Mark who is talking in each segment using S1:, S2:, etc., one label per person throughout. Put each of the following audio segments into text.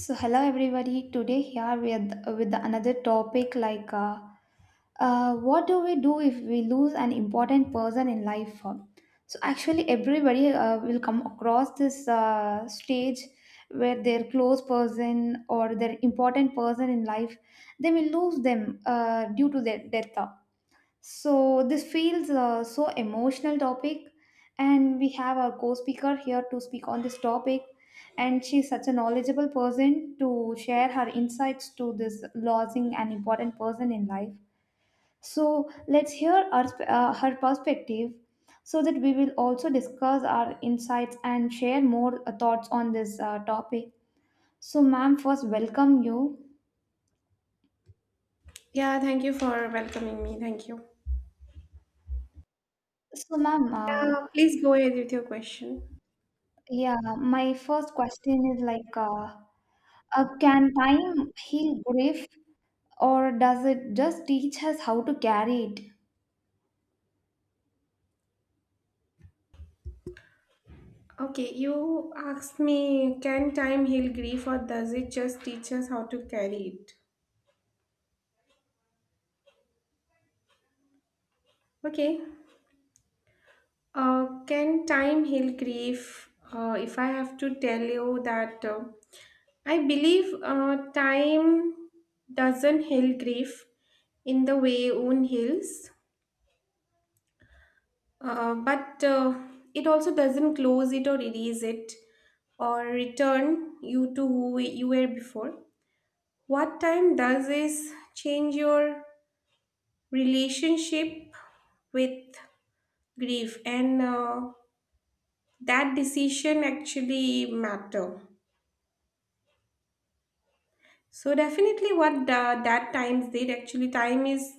S1: So hello everybody. Today here with another topic like what do we do if we lose an important person in life? So actually everybody will come across this stage where their close person or their important person in life they will lose them due to their death. So this feels so emotional topic, and we have our co-speaker here to speak on this topic, and she's such a knowledgeable person to share her insights to this losing an important person in life. So let's hear our, her perspective, so that we will also discuss our insights and share more thoughts on this topic. So, ma'am, first welcome you.
S2: Yeah, thank you for welcoming me. Thank you.
S1: So, ma'am,
S2: Please go ahead with your question.
S1: yeah, my first question is like. Can time heal grief or does it just teach us how to carry it?
S2: Okay, you asked me, can time heal grief or does it just teach us how to carry it? Okay, can time heal grief? If I have to tell you that I believe time doesn't heal grief in the way wound heals. But It also doesn't close it or erase it or return you to who you were before. What time does is change your relationship with grief and that decision actually matter. So definitely that times did actually time is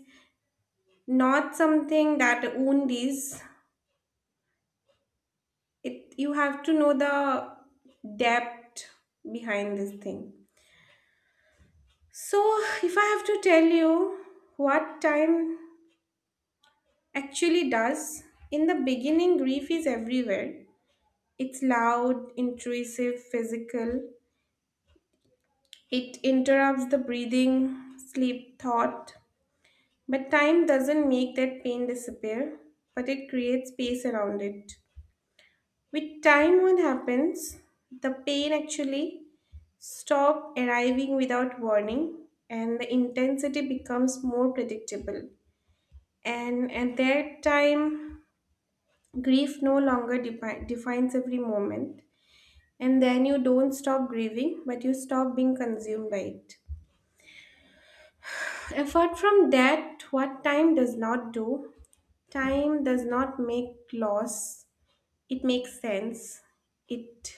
S2: not something that wound is. It you have to know the depth behind this thing. So, if I have to tell you what time actually does, in the beginning, grief is everywhere. It's loud, intrusive, physical. It interrupts the breathing, sleep, thought. But time doesn't make that pain disappear, but it creates space around it. With time, what happens? The pain actually stops arriving without warning, and the intensity becomes more predictable, and at that time grief no longer defines every moment, and then you don't stop grieving but you stop being consumed by it. Apart from that, what time does not do, time does not make loss, it makes sense, it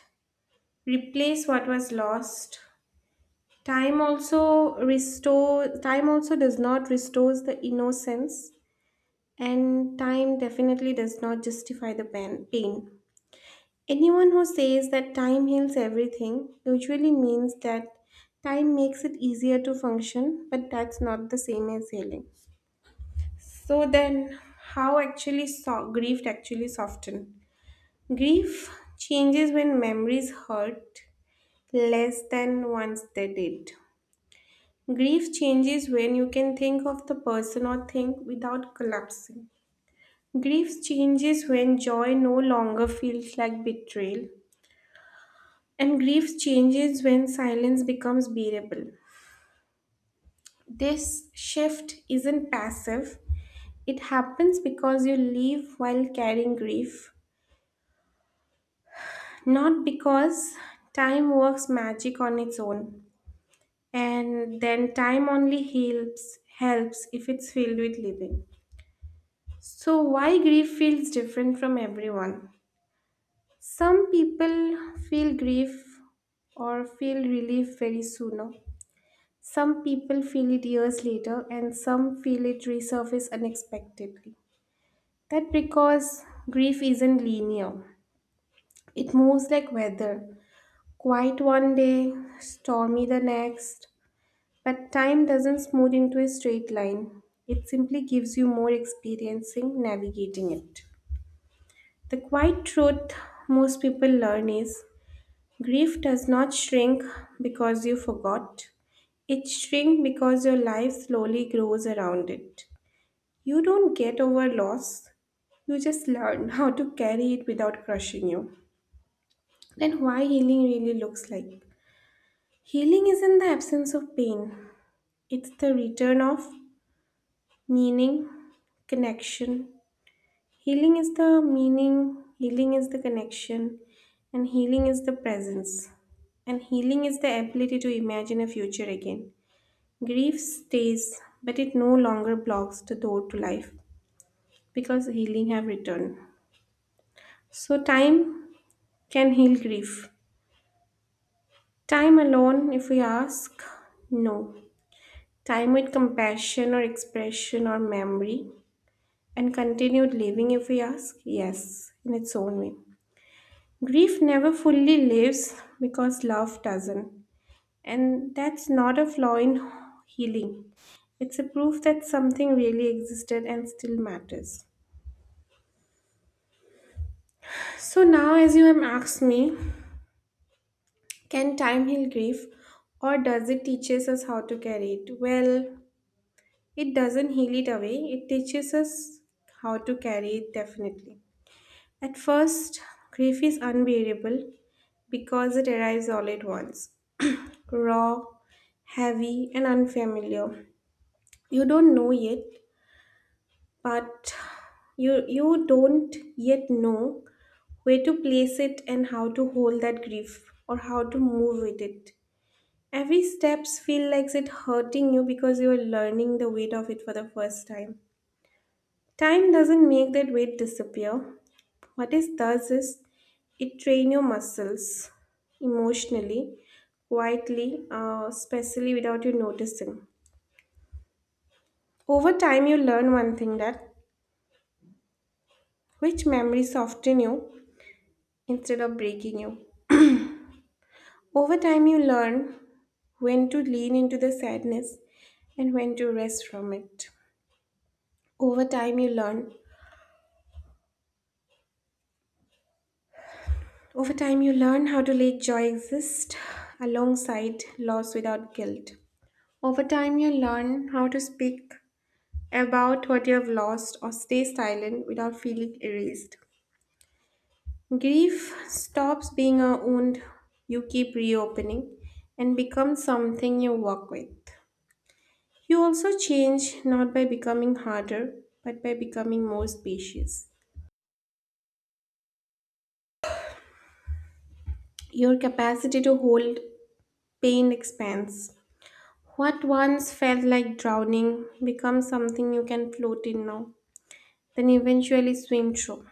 S2: replaces what was lost. Time also does not restores the innocence, and time definitely does not justify the pain. Anyone who says that time heals everything usually means that time makes it easier to function, but that's not the same as healing. So then, how actually grief actually soften? Grief changes when memories hurt less than once they did. Grief changes when you can think of the person or thing without collapsing. Grief changes when joy no longer feels like betrayal. And grief changes when silence becomes bearable. This shift isn't passive, it happens because you leave while carrying grief, not because time works magic on its own. And then time only helps if it's filled with living. So, why grief feels different from everyone? Some people feel grief or feel relief very soon, no? Some people feel it years later, and some feel it resurface unexpectedly. That because grief isn't linear. It moves like weather, quiet one day, stormy the next. But time doesn't smooth into a straight line. It simply gives you more experiencing navigating it. The quiet truth most people learn is grief does not shrink because you forgot. It shrinks because your life slowly grows around it. You don't get over loss. You just learn how to carry it without crushing you. Then why healing really looks like. Healing isn't the absence of pain. It's the return of meaning, connection. Healing is the meaning, healing is the connection, and healing is the presence. And healing is the ability to imagine a future again. Grief stays, but it no longer blocks the door to life because healing have returned. So time can heal grief. Time alone, if we ask, no. Time with compassion or expression or memory and continued living, if we ask, yes, in its own way. Grief never fully lives because love doesn't. And that's not a flaw in healing. It's a proof that something really existed and still matters. So now, as you have asked me, can time heal grief or does it teaches us how to carry it? Well, it doesn't heal it away, it teaches us how to carry it definitely. At first, grief is unbearable because it arrives all at once, raw, heavy, and unfamiliar. You don't know yet, but you don't yet know where to place it and how to hold that grief or how to move with it. Every steps feel like it hurting you because you are learning the weight of it for the first time. Time doesn't make that weight disappear. What it does is it train your muscles emotionally, quietly, especially without you noticing. Over time you learn one thing, that which memories soften you instead of breaking you. Over time, you learn when to lean into the sadness and when to rest from it. Over time, you learn. Over time, you learn how to let joy exist alongside loss without guilt. Over time, you learn how to speak about what you have lost or stay silent without feeling erased. Grief stops being a wound you keep reopening and becomes something you work with. You also change not by becoming harder, but by becoming more spacious. Your capacity to hold pain expands. What once felt like drowning becomes something you can float in now, then eventually swim through.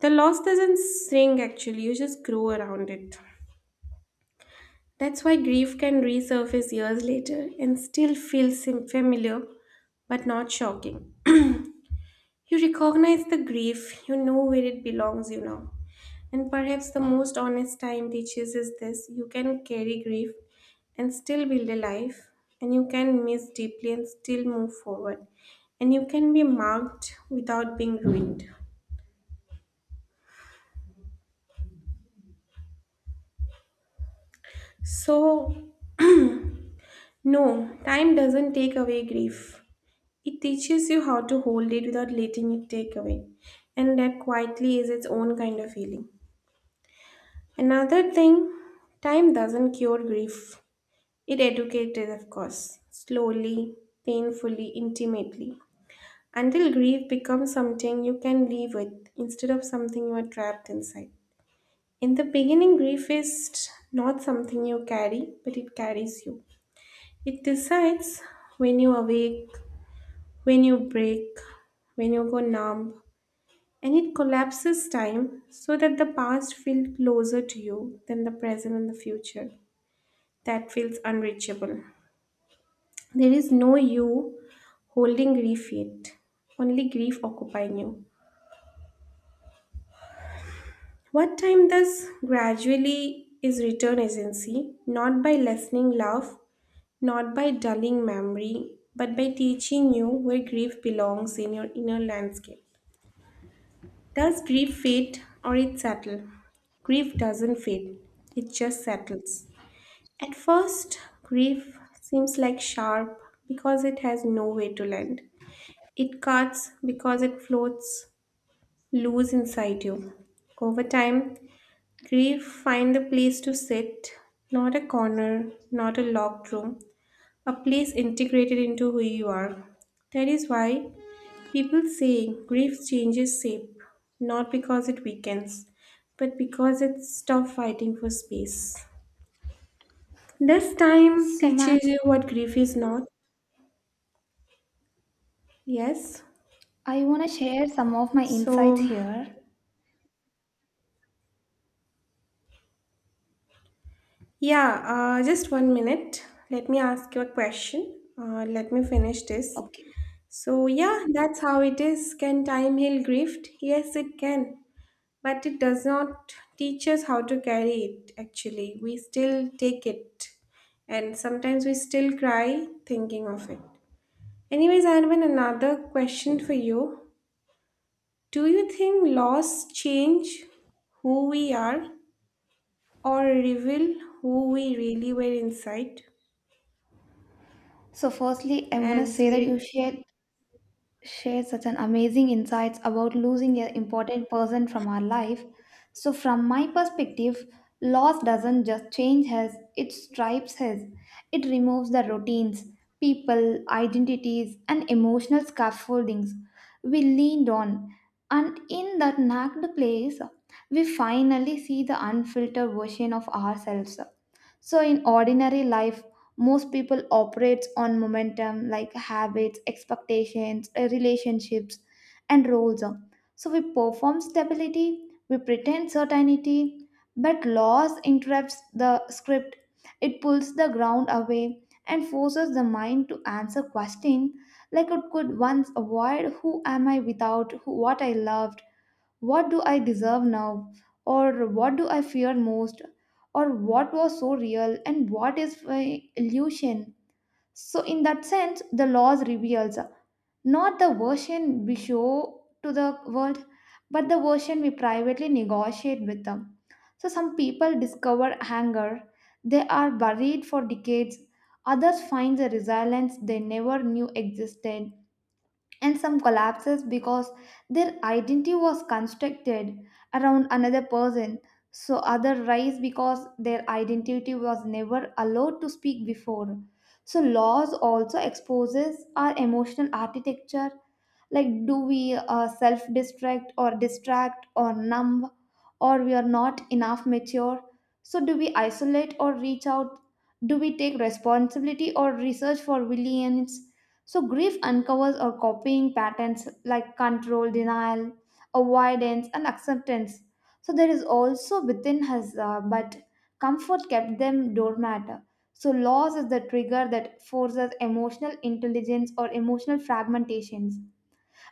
S2: The loss doesn't shrink actually, you just grow around it. That's why grief can resurface years later and still feel familiar but not shocking. You recognize the grief, you know where it belongs, you know. And perhaps the most honest time teaches is this: you can carry grief and still build a life, and you can miss deeply and still move forward, and you can be marked without being ruined. So, no, time doesn't take away grief. It teaches you how to hold it without letting it take away. And that quietly is its own kind of healing. Another thing, time doesn't cure grief. It educated, of course, slowly, painfully, intimately, until grief becomes something you can live with instead of something you are trapped inside. In the beginning, grief is not something you carry, but it carries you. It decides when you awake, when you break, when you go numb, and it collapses time so that the past feels closer to you than the present and the future. That feels unreachable. There is no you holding grief yet, only grief occupying you. What time does gradually is return agency, not by lessening love, not by dulling memory, but by teaching you where grief belongs in your inner landscape. Does grief fade or it settle? Grief doesn't fade, it just settles. At first, grief seems like sharp because it has no way to land. It cuts because it floats loose inside you. Over time, grief finds a place to sit, not a corner, not a locked room, a place integrated into who you are. That is why people say grief changes shape, not because it weakens, but because it stops fighting for space. This time
S1: So,
S2: teaches
S1: ma'am,
S2: you what grief is not. Yes.
S1: I want to share some of my
S2: So
S1: insights here.
S2: yeah, just one minute. Let me ask you a question. Let me finish this.
S1: Okay.
S2: So, yeah, that's how it is. Can time heal grief? Yes, it can. But it does not teach us how to carry it, actually. We still take it. And sometimes we still cry thinking of it. Anyways, I have another question for you. Do you think loss change who we are or reveal who we really were inside?
S1: So, firstly, I want to
S2: As
S1: say that you
S2: we,
S1: shared such an amazing insights about losing an important person from our life. So, from my perspective, loss doesn't just change us, it stripes us. It removes the routines, people, identities, and emotional scaffoldings we leaned on. And in that knocked place, we finally see the unfiltered version of ourselves. So, in ordinary life, most people operates on momentum like habits expectations relationships and roles, so we perform stability, we pretend certainty, but loss interrupts the script, it pulls the ground away and forces the mind to answer question like it could once avoid. Who am I without what I loved? What do I deserve now? Or what do I fear most? Or what was so real and what is my illusion? So, in that sense, the laws reveals not the version we show to the world, but the version we privately negotiate with them. So, some people discover anger, they are buried for decades, others find the resilience they never knew existed, and some collapses because their identity was constructed around another person, so other rise because their identity was never allowed to speak before. So laws also exposes our emotional architecture, like do we self distract or distract or numb, or we are not enough mature. So do we isolate or reach out, do we take responsibility or research for resilience. So grief uncovers our copying patterns like control, denial, avoidance, and acceptance. So there is also within us, but comfort kept them doormat. So loss is the trigger that forces emotional intelligence or emotional fragmentations.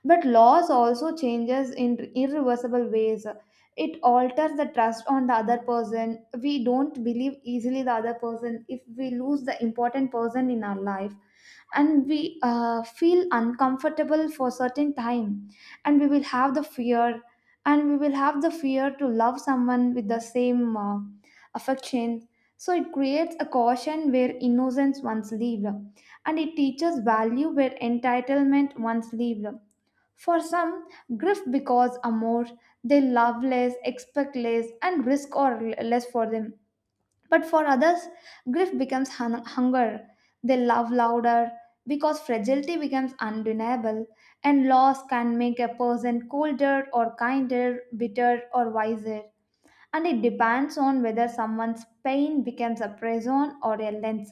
S1: But laws also changes in irreversible ways. It alters the trust on the other person. We don't believe easily the other person if we lose the important person in our life, and we feel uncomfortable for certain time, and we will have the fear, and we will have the fear to love someone with the same affection. So it creates a caution where innocence once lived, and it teaches value where entitlement once lived. For some, grief because amor, they love less, expect less, and risk or less for them. But for others, grief becomes hunger. They love louder because fragility becomes undeniable, and loss can make a person colder or kinder, bitter or wiser. And it depends on whether someone's pain becomes a prison or a lens.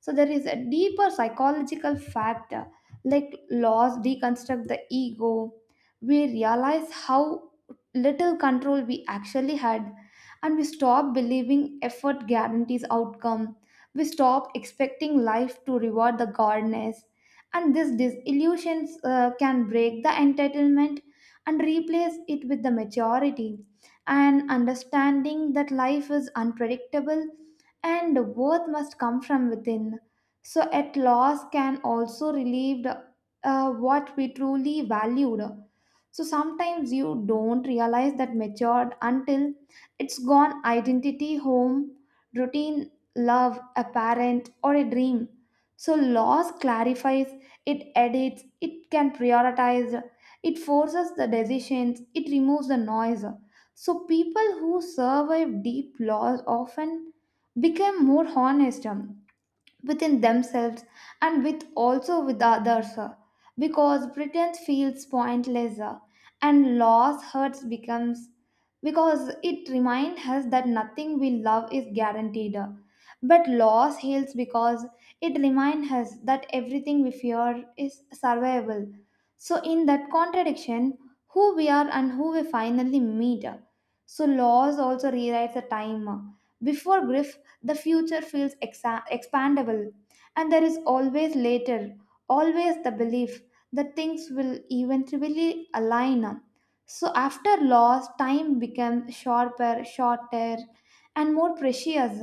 S1: So there is a deeper psychological factor, like laws deconstruct the ego. We realize how little control we actually had, and we stop believing effort guarantees outcome. We stop expecting life to reward the goodness. And this disillusions can break the entitlement and replace it with the maturity and understanding that life is unpredictable and worth must come from within. So, at loss can also relieve what we truly valued. So, sometimes you don't realize that matured until it's gone identity, home, routine, love, a parent, or a dream. So, loss clarifies, it edits, it can prioritize, it forces the decisions, it removes the noise. So, people who survive deep loss often became more honest within themselves and with also with others, because pretense feels pointless, and loss hurts becomes because it reminds us that nothing we love is guaranteed, but loss heals because it reminds us that everything we fear is survivable. So in that contradiction who we are and who we finally meet, so loss also rewrites the time, before grief the future feels expandable, and there is always later, always the belief that things will eventually align. So, after loss, time becomes sharper, shorter, and more precious.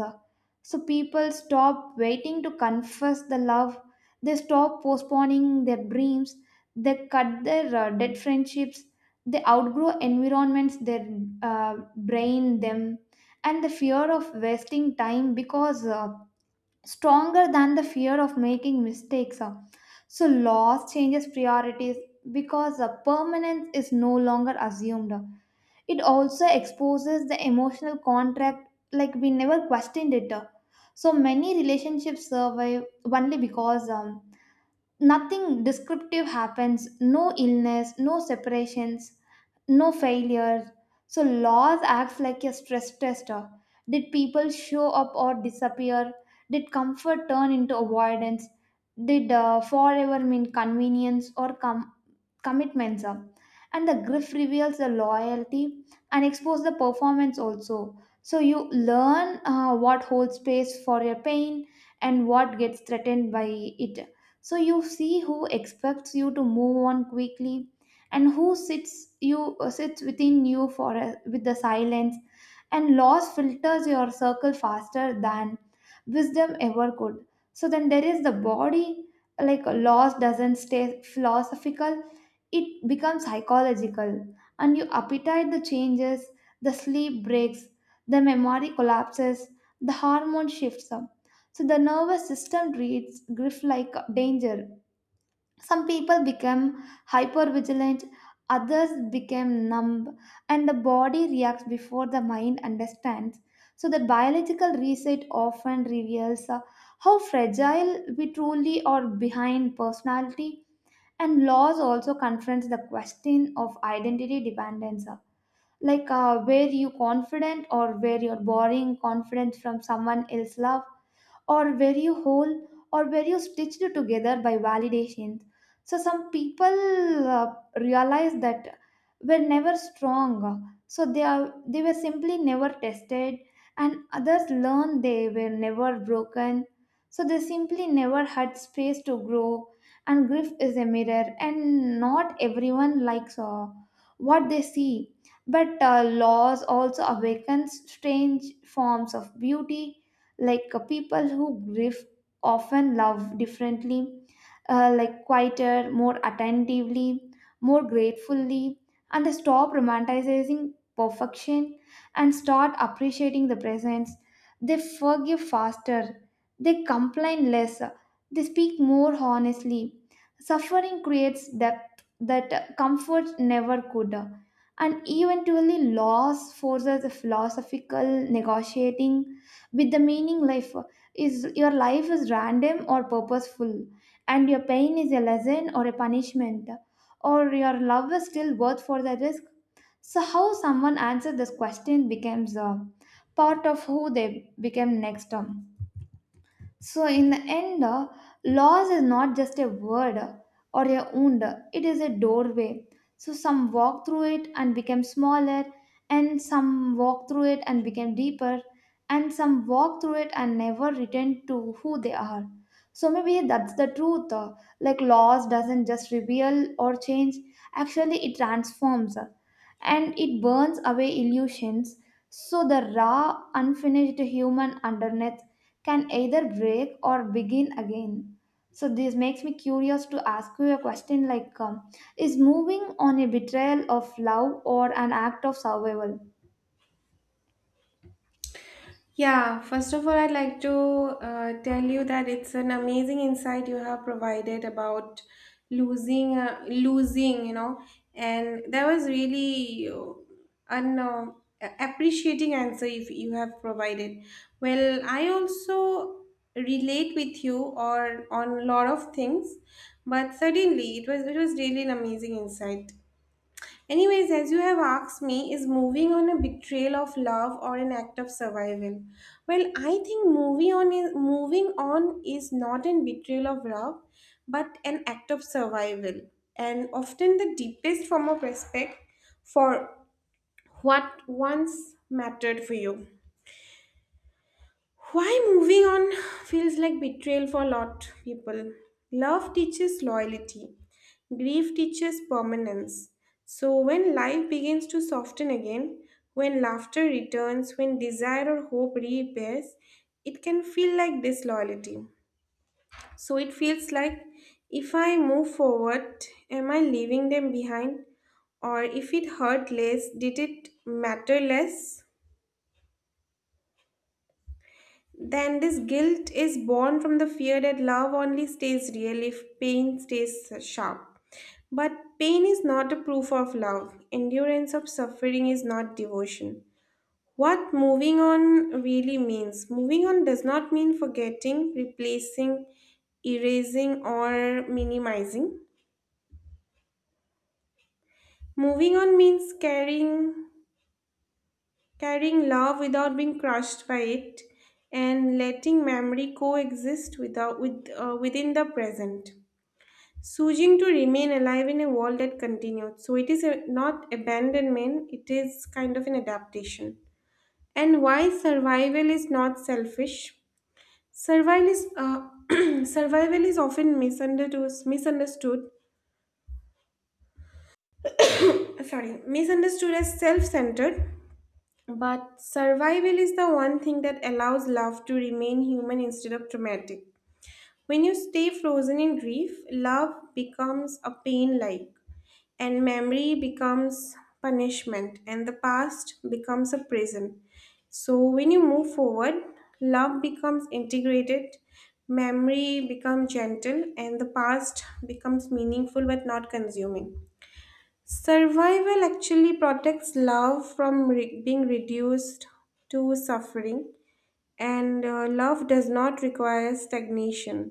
S1: So, people stop waiting to confess the love, they stop postponing their dreams, they cut their dead friendships, they outgrow environments their brain them, and the fear of wasting time because stronger than the fear of making mistakes, uh. So loss changes priorities because permanence is no longer assumed. It also exposes the emotional contract like we never questioned it, uh. So many relationships survive only because nothing descriptive happens, no illness, no separations, no failure. So loss acts like a stress tester. Did people show up or disappear, did comfort turn into avoidance, did forever mean convenience or commitments up. And the griff reveals the loyalty and expose the performance also. So you learn what holds space for your pain and what gets threatened by it. So you see who expects you to move on quickly and who sits within you with the silence. And loss filters your circle faster than wisdom ever could. So then there is the body, like loss doesn't stay philosophical, it becomes psychological. And your appetite the changes, the sleep breaks, the memory collapses, the hormone shifts up. So the nervous system treats grief like danger. Some people become hyper vigilant, others become numb, and the body reacts before the mind understands. So the biological reset often reveals how fragile we truly are behind personality. And laws also confronts the question of identity dependence, like where you confident or where you're borrowing confidence from someone else's love, or very whole, or very stitched together by validations. So some people realize that were never strong. So they were simply never tested, and others learn they were never broken. So they simply never had space to grow. And grief is a mirror, and not everyone likes what they see. But loss also awakens strange forms of beauty, like people who grieve often love differently, like quieter, more attentively, more gratefully. And they stop romanticizing perfection and start appreciating the presence. They forgive faster, they complain less, they speak more honestly. Suffering creates depth that comfort never could. And eventually loss forces a philosophical negotiating with the meaning life. Is your life is random or purposeful, and your pain is a lesson or a punishment, or your love is still worth for the risk. So how someone answers this question becomes a part of who they become next term. So, in the end, loss is not just a word or a wound, it is a doorway. So, some walk through it and became smaller, and some walk through it and became deeper, and some walk through it and never return to who they are. So, maybe that's the truth. Like, loss doesn't just reveal or change, actually, it transforms, and it burns away illusions. So, the raw, unfinished human underneath can either break or begin again. So this makes me curious to ask you a question like is moving on a betrayal of love or an act of survival?
S2: yeah, first of all, I'd like to tell you that it's an amazing insight you have provided about losing, you know, and that was really an appreciating answer if you have provided. Well, I also relate with you or on a lot of things, but certainly it was really an amazing insight. Anyways, as you have asked me, is moving on a betrayal of love or an act of survival? Well, I think moving on is not an betrayal of love, but an act of survival, and often the deepest form of respect for what once mattered for you. Why moving on feels like betrayal for a lot of people. Love teaches loyalty, grief teaches permanence. So when life begins to soften again, when laughter returns, when desire or hope reappears, it can feel like disloyalty. So it feels like if I move forward, am I leaving them behind? Or if it hurt less, did it matter less? Then this guilt is born from the fear that love only stays real if pain stays sharp. But pain is not a proof of love. Endurance of suffering is not devotion. What moving on really means. Moving on does not mean forgetting, replacing, erasing, or minimizing. Moving on means carrying love without being crushed by it and letting memory coexist without with within the present. Choosing to remain alive in a world that continued. So it is a, not abandonment, it is kind of an adaptation. And why survival is not selfish? Survival is survival is often misunderstood. Sorry, misunderstood as self-centered. But survival is the one thing that allows love to remain human instead of traumatic. When you stay frozen in grief, love becomes a pain like. And memory becomes punishment, and the past becomes a prison. So when you move forward, love becomes integrated, memory becomes gentle, and the past becomes meaningful but not consuming. Survival actually protects love from being reduced to suffering. And Love does not require stagnation.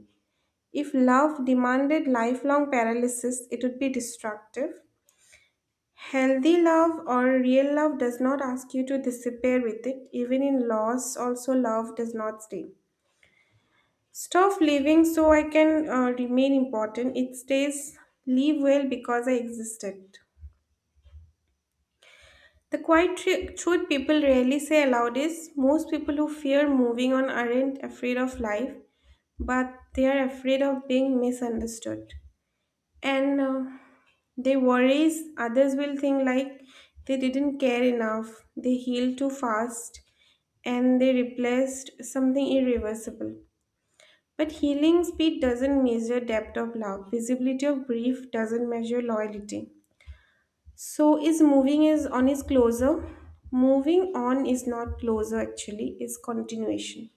S2: If love demanded lifelong paralysis, it would be destructive. Healthy love or real love does not ask you to disappear with it. Even in loss, also love does not stay. Stop living so I can remain important. It stays, live well because I existed. The quiet truth people rarely say aloud is most people who fear moving on aren't afraid of life, but they are afraid of being misunderstood. And They worries others will think like they didn't care enough, they healed too fast, and they replaced something irreversible. But healing speed doesn't measure depth of love. Visibility of grief doesn't measure loyalty. So is moving is on is closer? Moving on is not closer actually, is continuation.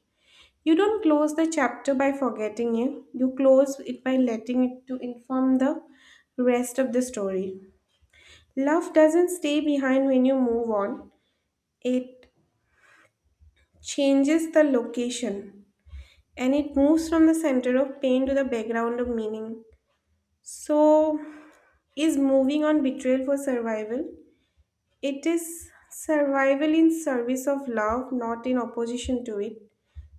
S2: You don't close the chapter by forgetting it. You close it by letting it to inform the rest of the story. Love doesn't stay behind when you move on. It changes the location, and it moves from the center of pain to the background of meaning. So, is moving on betrayal for survival? It is survival in service of love, not in opposition to it.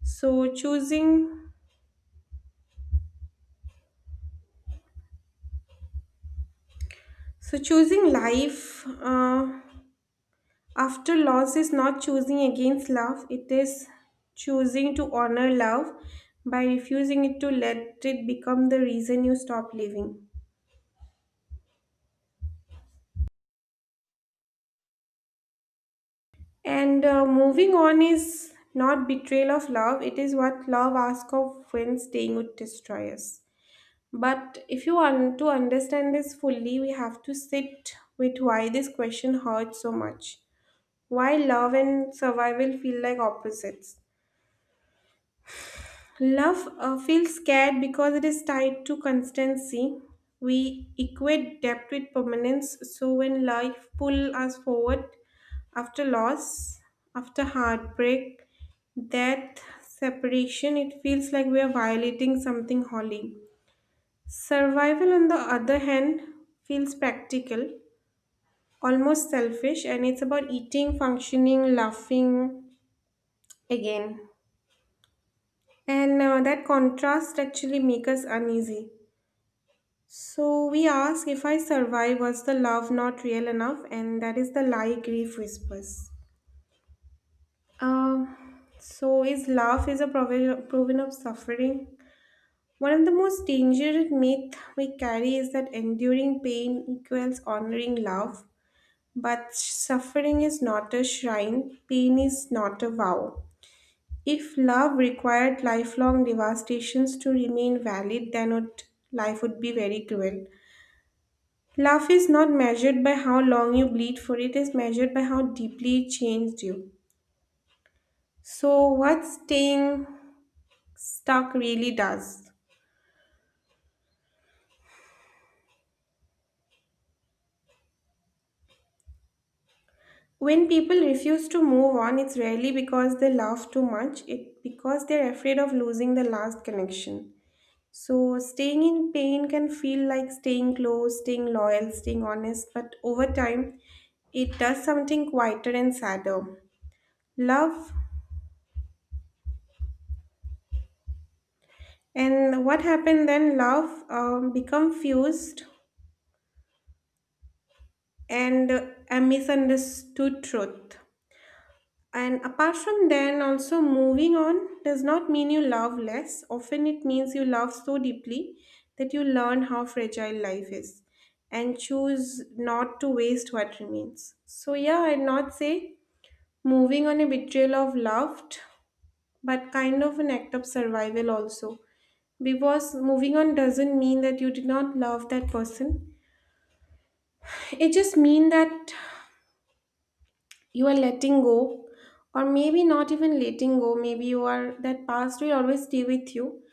S2: So, choosing so choosing life after loss is not choosing against love, it is choosing to honor love by refusing it to let it become the reason you stop living. And Moving on is not betrayal of love, it is what love asks of when staying would destroy us. But if you want to understand this fully, we have to sit with why this question hurts so much. Why love and survival feel like opposites. Love feels scared because it is tied to constancy. We equate depth with permanence. So when life pulls us forward after loss, after heartbreak, death, separation, it feels like we are violating something holy. Survival, on the other hand, feels practical, almost selfish, and it's about eating, functioning, laughing again. And That contrast actually makes us uneasy. So we ask, if I survive, was the love not real enough? And that is the lie grief whispers. So is love is a proven of suffering. One of the most dangerous myth we carry is that enduring pain equals honoring love. But suffering is not a shrine, pain is not a vow. If love required lifelong devastations to remain valid, then would, life would be very cruel. Love is not measured by how long you bleed for it, is measured by how deeply it changed you. So, what staying stuck really does. When people refuse to move on, it's rarely because they love too much, it because they're afraid of losing the last connection. So, staying in pain can feel like staying close, staying loyal, staying honest, but over time, it does something quieter and sadder. Love. And what happened then? Love become fused and a misunderstood truth. And apart from then, also moving on does not mean you love less. Often it means you love so deeply that you learn how fragile life is and choose not to waste what remains. So, yeah, I'd not say moving on a betrayal of loved, but kind of an act of survival also. Because moving on doesn't mean that you did not love that person. It just mean that you are letting go, or maybe not even letting go. Maybe you are that past will always stay with you,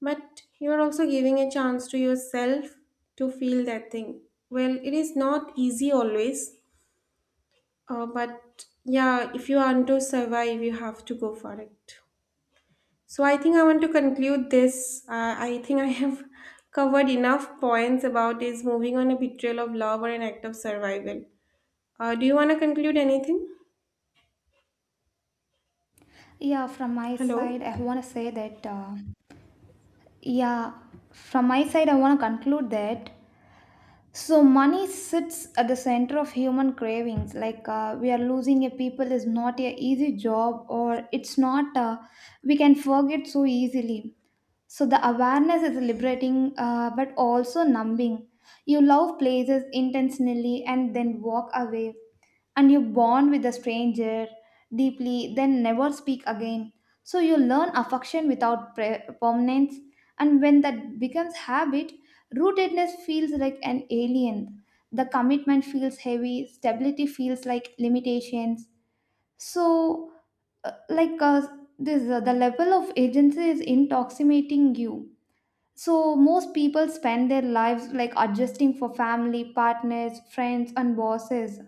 S2: but you are also giving a chance to yourself to feel that thing. Well, it is not easy always, but yeah, if you want to survive, you have to go for it. So I think I want to conclude this. I think I have covered enough points about is moving on a betrayal of love or an act of survival. Do you want to conclude anything?
S1: Yeah, from my
S2: Hello.
S1: side I want to say that yeah, from my side I want to conclude that so money sits at the center of human cravings, like we are losing a people is not a easy job, or it's not we can forget so easily. So the awareness is liberating, but also numbing. You love places intentionally and then walk away, and you bond with a stranger deeply, then never speak again. So you learn affection without permanence, and when that becomes habit, rootedness feels like an alien. The commitment feels heavy, stability feels like limitations. So, uh, like uh, the level of agency is intoxicating you. So most people spend their lives like adjusting for family, partners, friends, and bosses.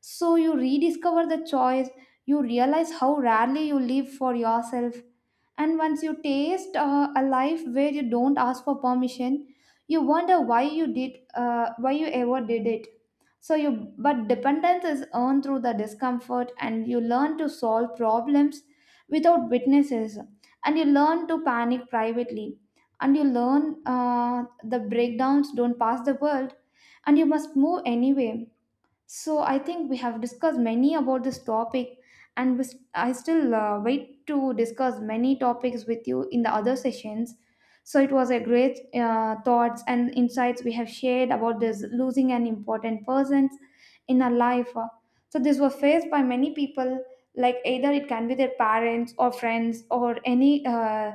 S1: So you rediscover the choice, you realize how rarely you live for yourself. And once you taste a life where you don't ask for permission, you wonder why you why you ever did it. So you, but dependence is earned through the discomfort, and you learn to solve problems without witnesses, and you learn to panic privately, and you learn the breakdowns don't pass the world, and you must move anyway. So I think we have discussed many about this topic, and I still wait to discuss many topics with you in the other sessions. So it was a great thoughts and insights we have shared about this losing an important person in our life. So this was faced by many people, like either it can be their parents or friends or any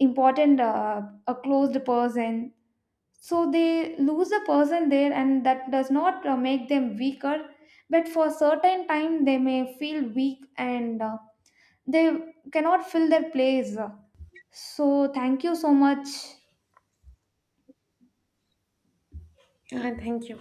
S1: important a closed person. So they lose a person there and that does not make them weaker, but for certain time they may feel weak, and they cannot fill their place. So thank you so much.
S2: Yeah, thank you.